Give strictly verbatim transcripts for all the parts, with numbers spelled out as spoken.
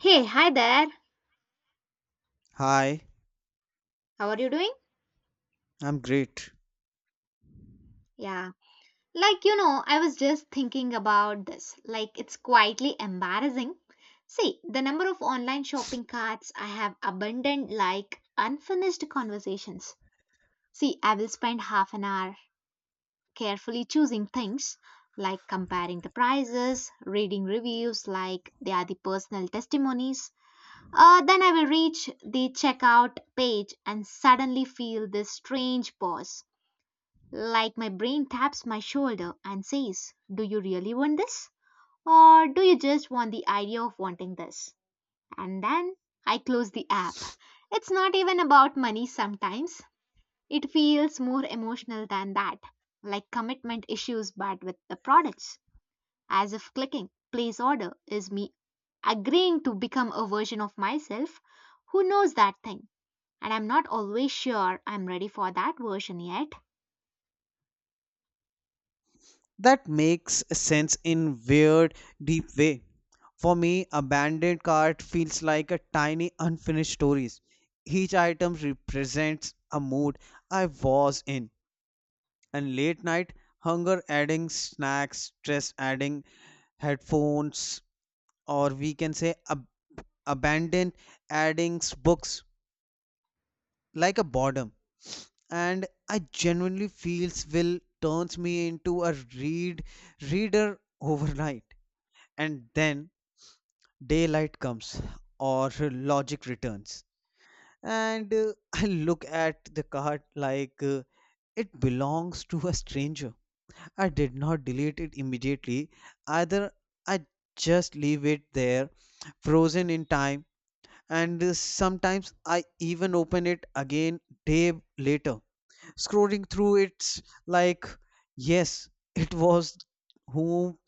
Hey, hi there. Hi, How are you doing? I'm great. Yeah. Like, you know, I was just thinking about this. Like, it's quietly embarrassing. See, the number of online shopping carts I have abandoned like unfinished conversations. See, I will spend half an hour carefully choosing things, like comparing the prices, reading reviews, like they are the personal testimonies. Uh, then I will reach the checkout page and suddenly feel this strange pause. Like my brain taps my shoulder and says, Do you really want this? Or do you just want the idea of wanting this? And then I close the app. It's not even about money sometimes. It feels more emotional than that, like commitment issues, but with the products, as if clicking place order is me agreeing to become a version of myself who knows that thing. And I'm not always sure I'm ready for that version yet. That makes sense in weird, deep way. For me, abandoned cart feels like a tiny unfinished stories. Each item represents a mood I was in. And late night, hunger adding snacks, stress adding headphones, or we can say ab- abandoned adding books like a boredom. And I genuinely feels will turns me into a read reader overnight. And then daylight comes or logic returns, and uh, I look at the card like uh, it belongs to a stranger. I did not delete it immediately either. I just leave it there, frozen in time, and uh, sometimes I even open it again day later. Scrolling through it's like, yes, it was whom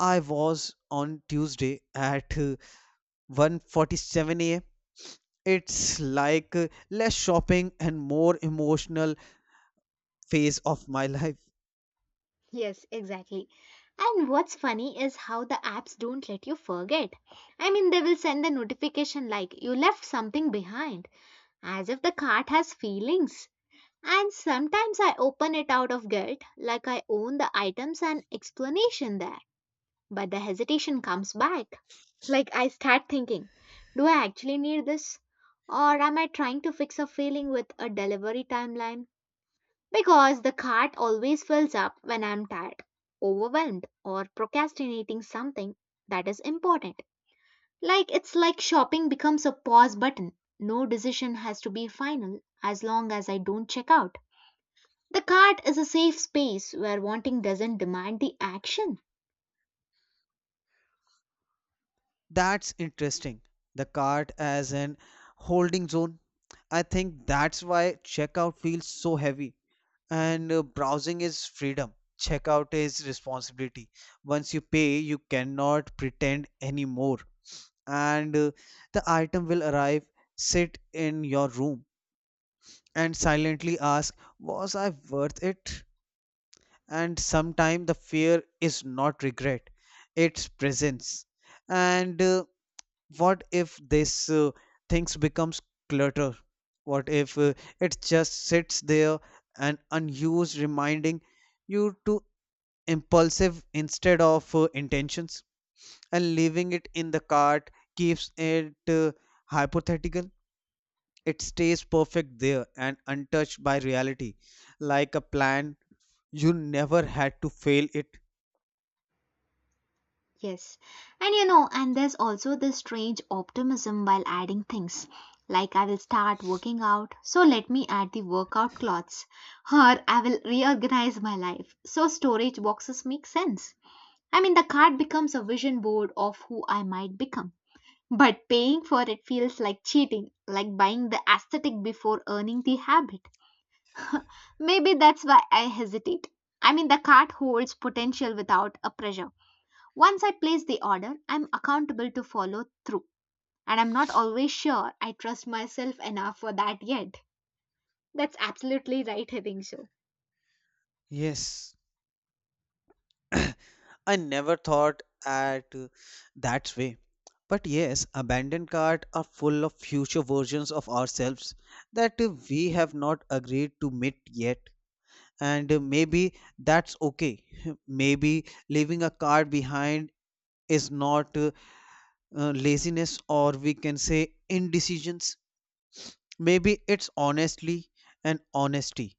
I was on Tuesday at uh, one forty-seven a m. It's like uh, less shopping and more emotional phase of my life. Yes, exactly. And what's funny is how the apps don't let you forget. I mean, they will send the notification like you left something behind, as if the cart has feelings. And sometimes I open it out of guilt, like I own the items and explanation there. But the hesitation comes back. Like I start thinking, do I actually need this? Or am I trying to fix a feeling with a delivery timeline? Because the cart always fills up when I'm tired, overwhelmed, or procrastinating something that is important. Like it's like shopping becomes a pause button. No decision has to be final as long as I don't check out. The cart is a safe space where wanting doesn't demand the action. That's interesting. The cart as an holding zone. I think that's why checkout feels so heavy and uh, browsing is freedom. Checkout is responsibility. Once you pay, you cannot pretend anymore. And uh, the item will arrive, sit in your room, and silently ask, was I worth it? And sometimes the fear is not regret, it's presence. And uh, what if this uh, things becomes clutter? What if uh, it just sits there and unused, reminding you to impulsive instead of uh, intentions? And leaving it in the cart keeps it uh, hypothetical. It stays perfect there and untouched by reality, like a plan you never had to fail it. Yes. And you know, and there's also this strange optimism while adding things. Like, I will start working out, so let me add the workout clothes. Or I will reorganize my life, so storage boxes make sense. I mean, the card becomes a vision board of who I might become. But paying for it feels like cheating, like buying the aesthetic before earning the habit. Maybe that's why I hesitate. I mean, the card holds potential without a pressure. Once I place the order, I'm accountable to follow through. And I'm not always sure I trust myself enough for that yet. That's absolutely right, having so. Yes, I never thought at uh, that way. But yes, abandoned cart are full of future versions of ourselves that uh, we have not agreed to meet yet. And uh, maybe that's okay. Maybe leaving a cart behind is not uh, uh, laziness, or we can say indecision. Maybe it's honestly and honesty.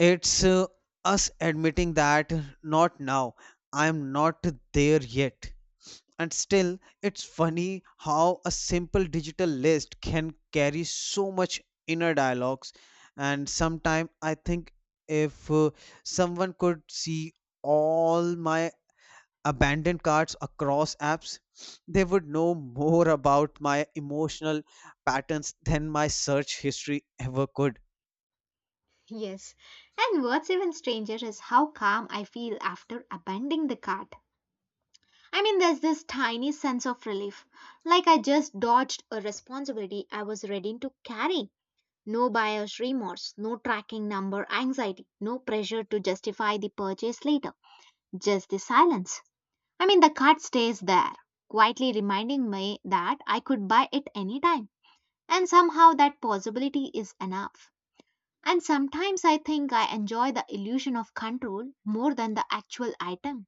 It's uh, us admitting that not now, I'm not there yet. And still, it's funny how a simple digital list can carry so much inner dialogues. And sometimes I think if uh, someone could see all my abandoned cards across apps, they would know more about my emotional patterns than my search history ever could. Yes. And what's even stranger is how calm I feel after abandoning the cart. I mean, there's this tiny sense of relief, like I just dodged a responsibility I was ready to carry. No buyer's remorse, no tracking number anxiety, no pressure to justify the purchase later, just the silence. I mean, the card stays there, quietly reminding me that I could buy it anytime. And somehow that possibility is enough. And sometimes I think I enjoy the illusion of control more than the actual item.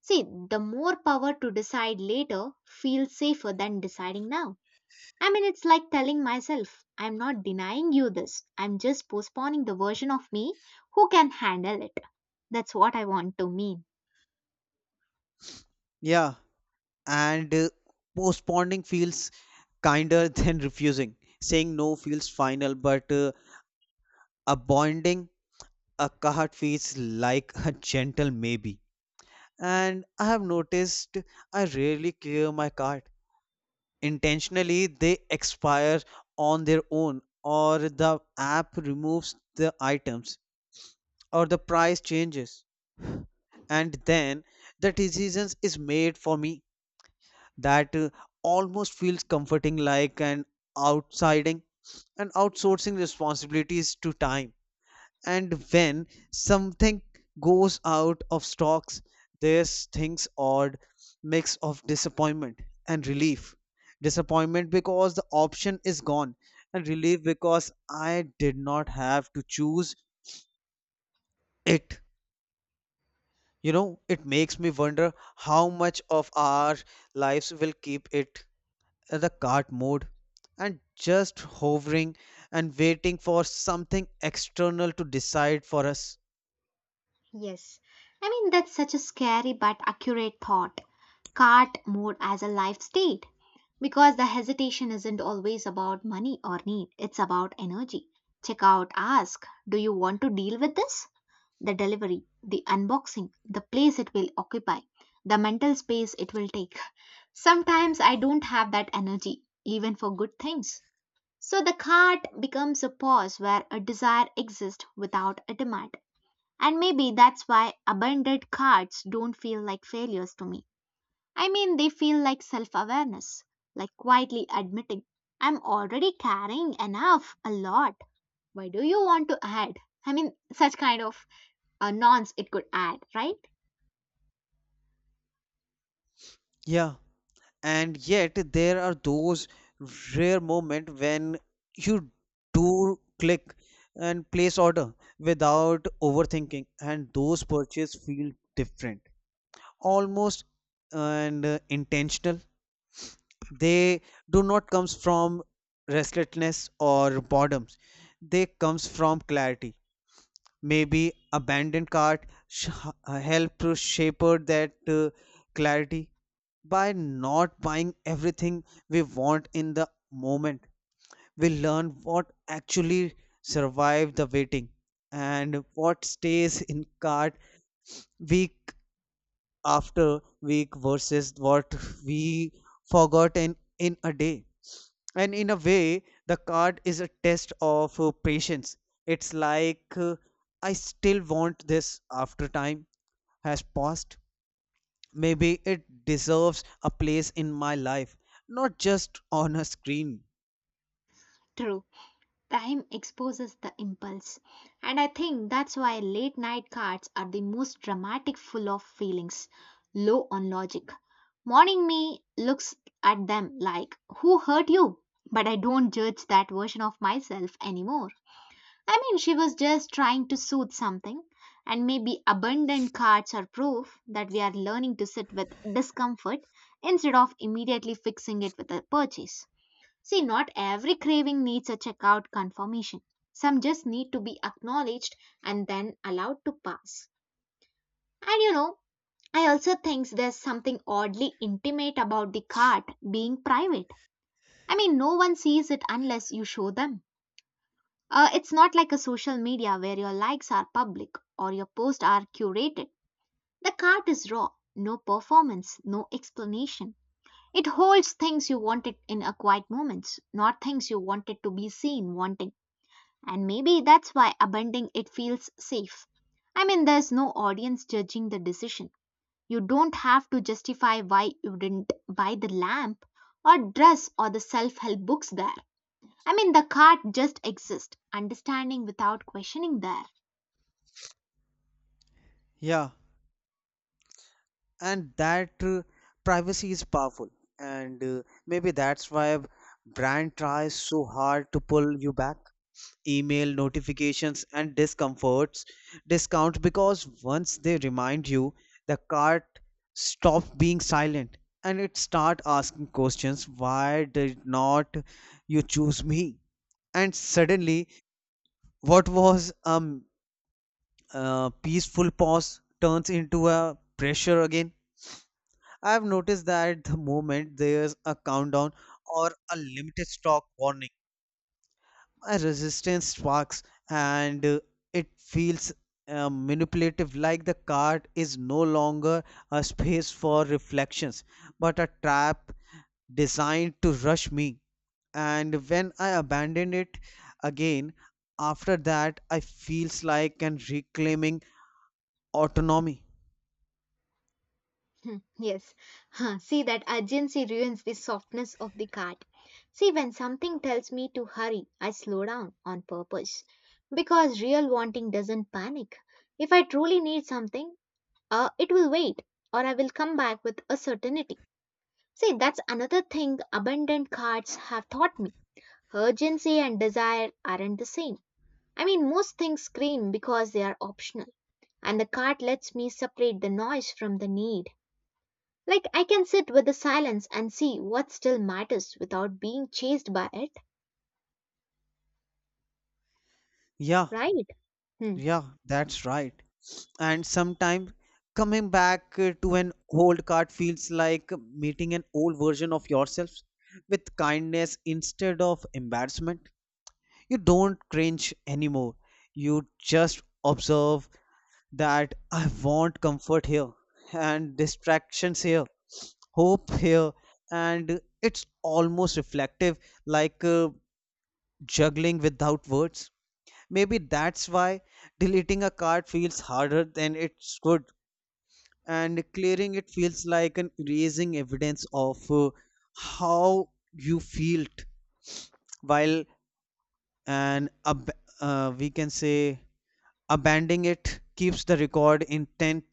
See, the more power to decide later feels safer than deciding now. I mean, it's like telling myself, I'm not denying you this, I'm just postponing the version of me who can handle it. That's what I want to mean. Yeah, and uh, postponing feels kinder than refusing. Saying no feels final, but uh, abandoning a card feels like a gentle maybe. And I have noticed I rarely clear my card. Intentionally, they expire on their own, or the app removes the items, or the price changes. And then the decisions is made for me that uh, almost feels comforting like an outsiding and outsourcing responsibilities to time, and when something goes out of stocks, there's things odd mix of disappointment and relief. Disappointment because the option is gone, and relief because I did not have to choose it. You know, it makes me wonder how much of our lives will keep it, uh, the cart mode, and just hovering and waiting for something external to decide for us. Yes. I mean, that's such a scary but accurate thought. Cart mode as a life state. Because the hesitation isn't always about money or need, it's about energy. Check out, ask, do you want to deal with this? The delivery, the unboxing, the place it will occupy, the mental space it will take. Sometimes I don't have that energy, even for good things. So the cart becomes a pause where a desire exists without a demand. And maybe that's why abandoned cards don't feel like failures to me. I mean, they feel like self awareness, like quietly admitting, I'm already carrying enough, a lot. Why do you want to add? I mean, such kind of a nonce it could add, right? Yeah. And yet there are those rare moments when you do click and place order without overthinking, and those purchases feel different, almost and uh, intentional. They do not comes from restlessness or boredoms, they comes from clarity. Maybe abandoned cart sh- uh, help to shepherd that uh, clarity by not buying everything we want in the moment. We learn what actually survived the waiting and what stays in cart week after week versus what we forgot in, in a day. And in a way, the card is a test of uh, patience. It's like uh, I still want this after time has passed, maybe it deserves a place in my life, not just on a screen. True. Time exposes the impulse. And I think that's why late night cards are the most dramatic, full of feelings, low on logic. Morning me looks at them like, Who hurt you? But I don't judge that version of myself anymore. I mean, she was just trying to soothe something. And maybe abundant cards are proof that we are learning to sit with discomfort instead of immediately fixing it with a purchase. See, not every craving needs a checkout confirmation. Some just need to be acknowledged and then allowed to pass. And you know, I also think there's something oddly intimate about the cart being private. I mean, no one sees it unless you show them. Uh, it's not like a social media where your likes are public or your posts are curated. The cart is raw, no performance, no explanation. It holds things you wanted in a quiet moments, not things you wanted to be seen wanting. And maybe that's why abandoning it feels safe. I mean, there's no audience judging the decision. You don't have to justify why you didn't buy the lamp or dress or the self help books there. I mean, the cart just exists, understanding without questioning there. Yeah, and that uh, privacy is powerful, and uh, maybe that's why brand tries so hard to pull you back. Email notifications and discomforts discount because once they remind you, the cart stops being silent and it start asking questions. Why did not you choose me? And suddenly what was a um, uh, peaceful pause turns into a pressure again. I've noticed that the moment there's a countdown or a limited stock warning, my resistance sparks, and uh, it feels uh, manipulative, like the cart is no longer a space for reflections but a trap designed to rush me. And when I abandon it again, after that, I feels like and reclaiming autonomy. Hmm. Yes. Huh, see that urgency ruins the softness of the cart. See, when something tells me to hurry, I slow down on purpose. Because real wanting doesn't panic. If I truly need something, Uh, it will wait, or I will come back with a certainty. See, that's another thing abundant cards have taught me. Urgency and desire aren't the same. I mean, most things scream because they are optional, and the card lets me separate the noise from the need. Like, I can sit with the silence and see what still matters without being chased by it, Yeah. right? Hmm. Yeah, that's right. And sometimes coming back uh, to an old card feels like meeting an old version of yourself with kindness instead of embarrassment. You don't cringe anymore, you just observe that I want comfort here and distractions here, hope here. And it's almost reflective, like uh, juggling without words. Maybe that's why deleting a card feels harder than it should, and clearing it feels like an erasing evidence of uh, how you felt while an ab- uh, we can say abandoning it keeps the record intent,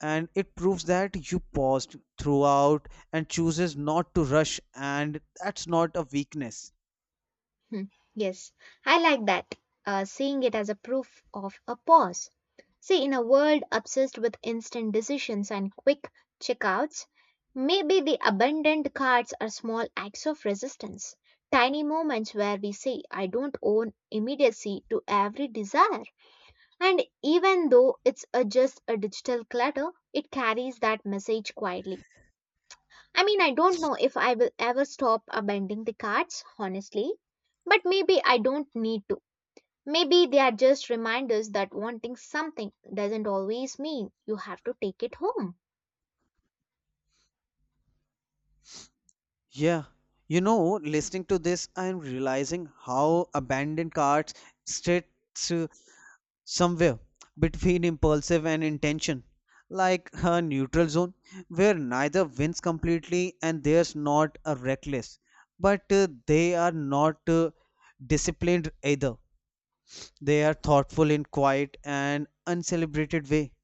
and it proves that you paused throughout and chooses not to rush, and that's not a weakness. Hmm, yes, I like that. Uh, seeing it as a proof of a pause. See, in a world obsessed with instant decisions and quick checkouts, maybe the abundant cards are small acts of resistance, tiny moments where we say, I don't own immediacy to every desire. And even though it's a, just a digital clutter, it carries that message quietly. I mean, I don't know if I will ever stop abandoning the cards, honestly, but maybe I don't need to. Maybe they are just reminders that wanting something doesn't always mean you have to take it home. Yeah, you know, listening to this, I'm realizing how abandoned carts sits uh, somewhere between impulsive and intention, like a neutral zone where neither wins completely, and there's not a reckless, but uh, they are not uh, disciplined either. They are thoughtful in quiet and uncelebrated way.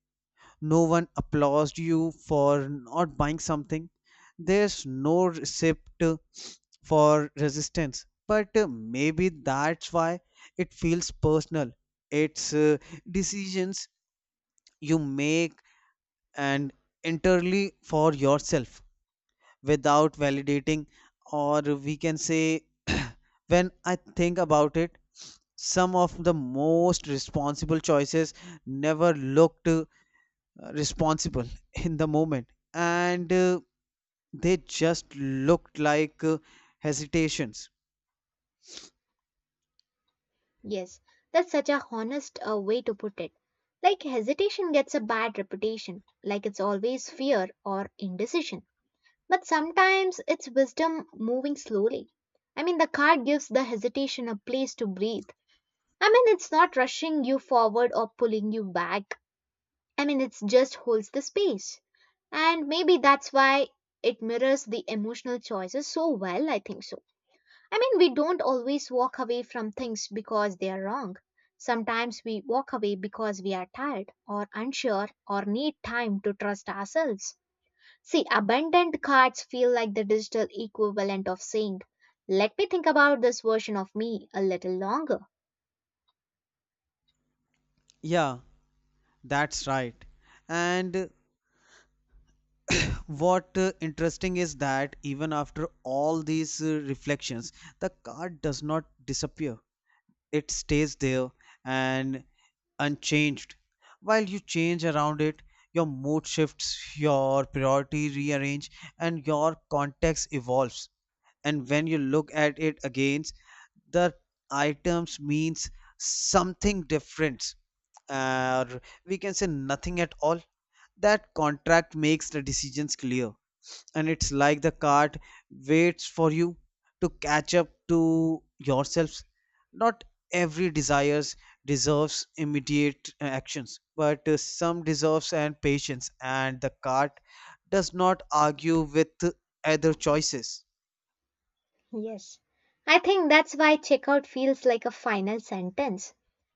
No one applauded you for not buying something, there's no receipt for resistance, but uh, maybe that's why it feels personal. It's uh, decisions you make and entirely for yourself without validating, or we can say, when I think about it, some of the most responsible choices never looked uh, uh, responsible in the moment, and uh, they just looked like uh, hesitations. Yes, that's such a honest uh, way to put it. Like, hesitation gets a bad reputation, like it's always fear or indecision. But sometimes it's wisdom moving slowly. I mean, the card gives the hesitation a place to breathe. I mean, it's not rushing you forward or pulling you back. I mean, it just holds the space. And maybe that's why it mirrors the emotional choices so well, I think so. I mean, we don't always walk away from things because they are wrong. Sometimes we walk away because we are tired or unsure or need time to trust ourselves. See, abundant cards feel like the digital equivalent of saying, let me think about this version of me a little longer. Yeah, that's right. And uh, what uh, interesting is that even after all these uh, reflections, the card does not disappear. It stays there and unchanged while you change around it. Your mood shifts, your priority rearrange, and your context evolves. And when you look at it again, the items means something different, uh, or we can say nothing at all. That contract makes the decisions clear, and it's like the cart waits for you to catch up to yourselves. Not every desires deserves immediate uh, actions, but uh, some deserves and patience, and the cart does not argue with other choices. Yes. I think that's why checkout feels like a final sentence.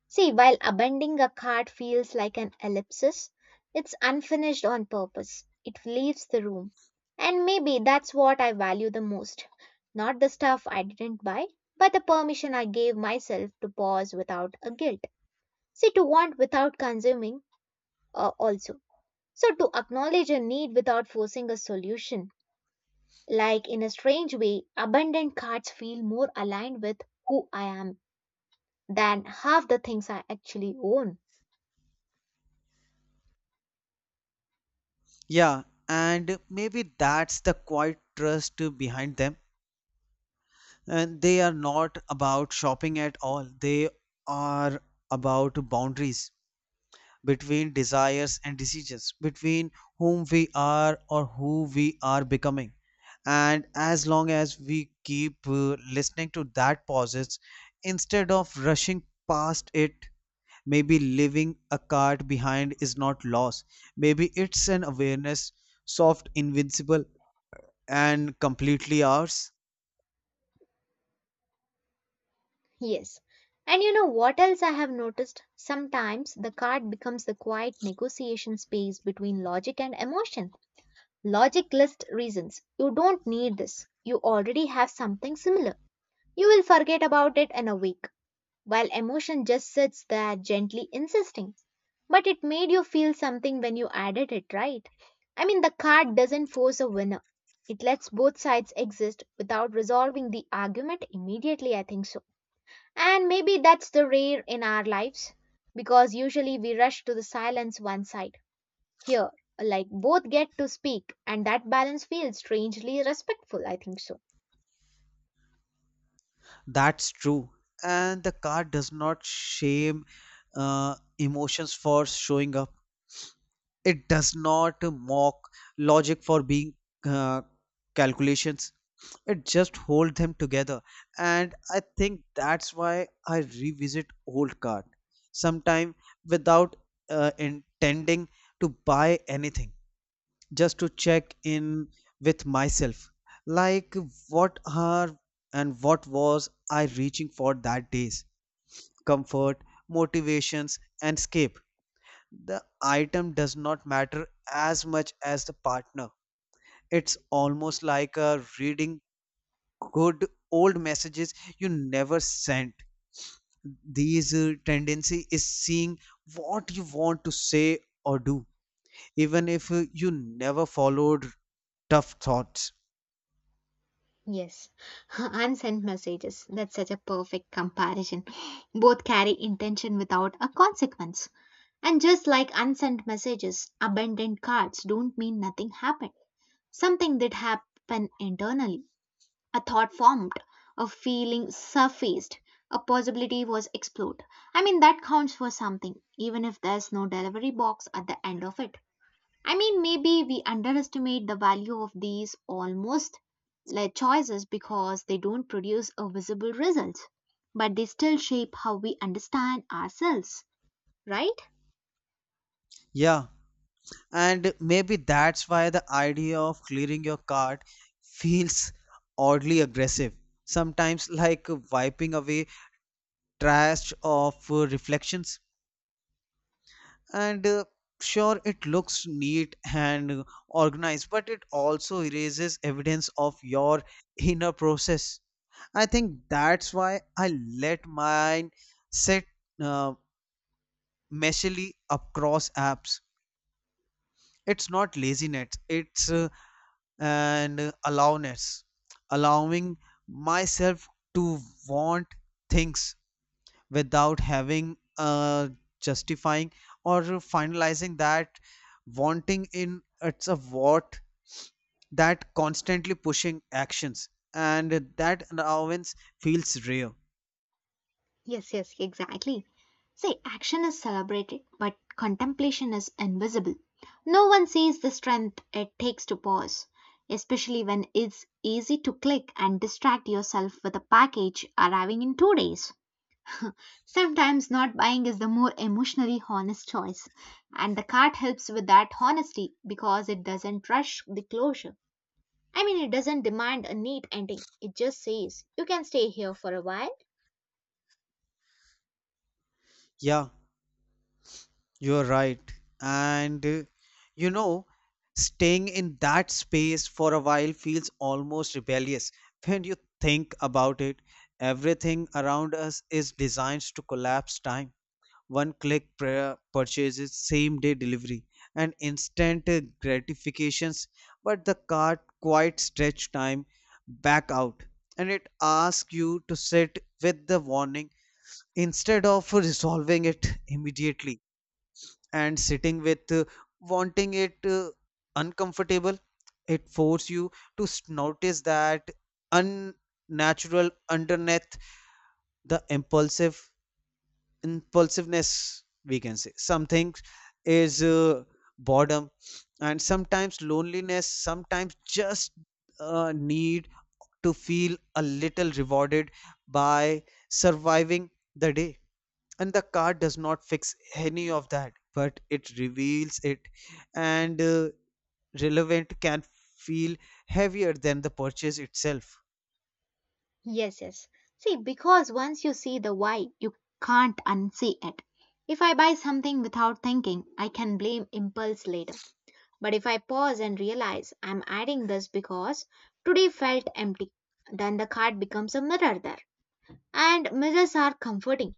See, while abandoning a cart feels like an ellipsis, it's unfinished on purpose. It leaves the room. And maybe that's what I value the most. Not the stuff I didn't buy, but the permission I gave myself to pause without a guilt. See, to want without consuming uh, also. So, to acknowledge a need without forcing a solution. Like in a strange way, abundant cards feel more aligned with who I am than half the things I actually own. Yeah, and maybe that's the quiet trust behind them. And they are not about shopping at all. They are about boundaries between desires and decisions, between whom we are or who we are becoming. And as long as we keep uh, listening to that pauses instead of rushing past it, maybe leaving a card behind is not loss. Maybe it's an awareness, soft, invincible, and completely ours. Yes. And you know what else I have noticed? Sometimes the card becomes the quiet negotiation space between logic and emotion. Logic lists reasons. You don't need this. You already have something similar. You will forget about it in a week. While emotion just sits there gently insisting. But it made you feel something when you added it, right? I mean, the card doesn't force a winner. It lets both sides exist without resolving the argument immediately, I think so. And maybe that's the rare in our lives because usually we rush to the silence one side. Here, like both get to speak, and that balance feels strangely respectful, I think so. That's true. And the car does not shame uh, emotions for showing up. It does not mock logic for being uh, calculations. It just holds them together. And I think that's why I revisit old card sometime without uh, intending to buy anything. Just to check in with myself, like what are and what was I reaching for that days? Comfort, motivations, and escape. The item does not matter as much as the partner. It's almost like a reading good old messages you never sent. These uh, tendency is seeing what you want to say or do even if uh, you never followed tough thoughts. Yes, unsent messages. That's such a perfect comparison. Both carry intention without a consequence. And just like unsent messages, abandoned cards don't mean nothing happened. Something did happen internally. A thought formed, a feeling surfaced, a possibility was explored. I mean, that counts for something, even if there's no delivery box at the end of it. I mean, maybe we underestimate the value of these almost like choices because they don't produce a visible result, but they still shape how we understand ourselves, right? Yeah. And maybe that's why the idea of clearing your cart feels oddly aggressive, sometimes like wiping away trash of uh, reflections. And uh, sure, it looks neat and organized, but it also erases evidence of your inner process. I think that's why I let mine sit uh, messily across apps. It's not laziness, it's uh, and allowness allowing myself to want things without having uh, justifying or finalizing that wanting in it's a what that constantly pushing actions, and that allowance feels rare. Yes, yes, exactly. See, action is celebrated, but contemplation is invisible. No one sees the strength it takes to pause, especially when it's easy to click and distract yourself with a package arriving in two days. Sometimes not buying is the more emotionally honest choice, and the card helps with that honesty because it doesn't rush the closure. I mean, it doesn't demand a neat ending, it just says, you can stay here for a while. Yeah. You're right. And uh, you know, staying in that space for a while feels almost rebellious. When you think about it, everything around us is designed to collapse time. One click prayer purchases, same day delivery, and instant uh, gratifications. But the cart quite stretch time back out, and it asks you to sit with the warning instead of resolving it immediately. And sitting with uh, wanting it uh, uncomfortable. It forces you to s- notice that unnatural underneath the impulsive impulsiveness, we can say something is uh, boredom, and sometimes loneliness, sometimes just uh, need to feel a little rewarded by surviving the day. And the card does not fix any of that, but it reveals it. And uh, relevant can feel heavier than the purchase itself. Yes, yes. See, because once you see the why, you can't unsee it. If I buy something without thinking, I can blame impulse later. But if I pause and realize I'm adding this because today felt empty, then the card becomes a mirror there. And mirrors are comforting.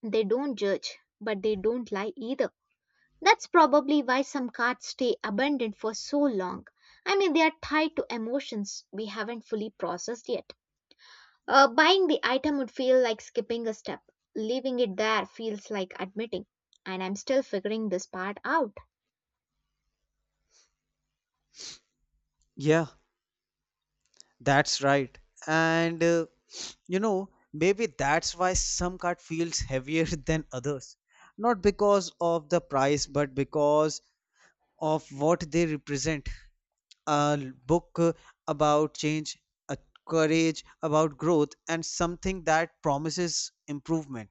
They don't judge, but they don't lie either. That's probably why some cards stay abandoned for so long. I mean, they are tied to emotions we haven't fully processed yet. Uh, buying the item would feel like skipping a step. Leaving it there feels like admitting, and I'm still figuring this part out. Yeah, that's right. And uh, you know, maybe that's why some card feels heavier than others, not because of the price, but because of what they represent. A l- book uh, about change, a courage about growth, and something that promises improvement.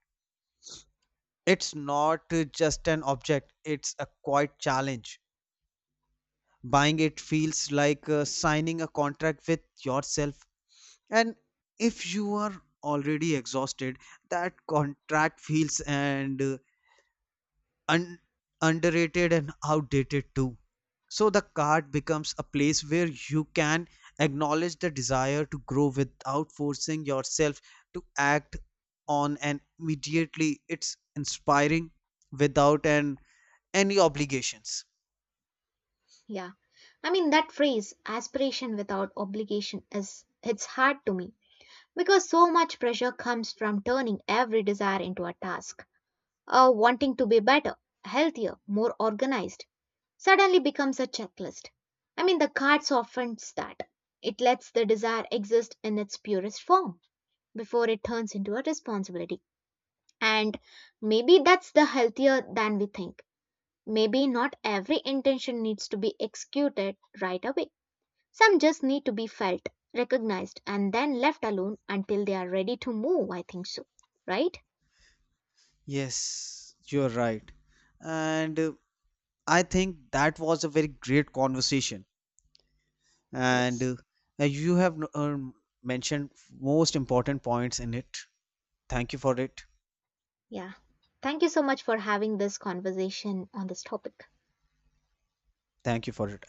It's not uh, just an object, it's a quiet challenge. Buying it feels like uh, signing a contract with yourself. And if you are already exhausted, that contract feels and uh, un- underrated and outdated too. So the card becomes a place where you can acknowledge the desire to grow without forcing yourself to act on. And immediately, it's inspiring without an any obligations. Yeah. I mean, that phrase, aspiration without obligation, is it's hard to me because so much pressure comes from turning every desire into a task. Uh, wanting to be better, healthier, more organized suddenly becomes a checklist. I mean, the card softens that. It lets the desire exist in its purest form before it turns into a responsibility. And maybe that's the healthier than we think. Maybe not every intention needs to be executed right away. Some just need to be felt, recognized, and then left alone until they are ready to move. I think so, right? Yes, you're right. And uh, I think that was a very great conversation. And Yes. uh, uh, you have um mentioned most important points in it. Thank you for it. Yeah. Thank you so much for having this conversation on this topic. Thank you for it.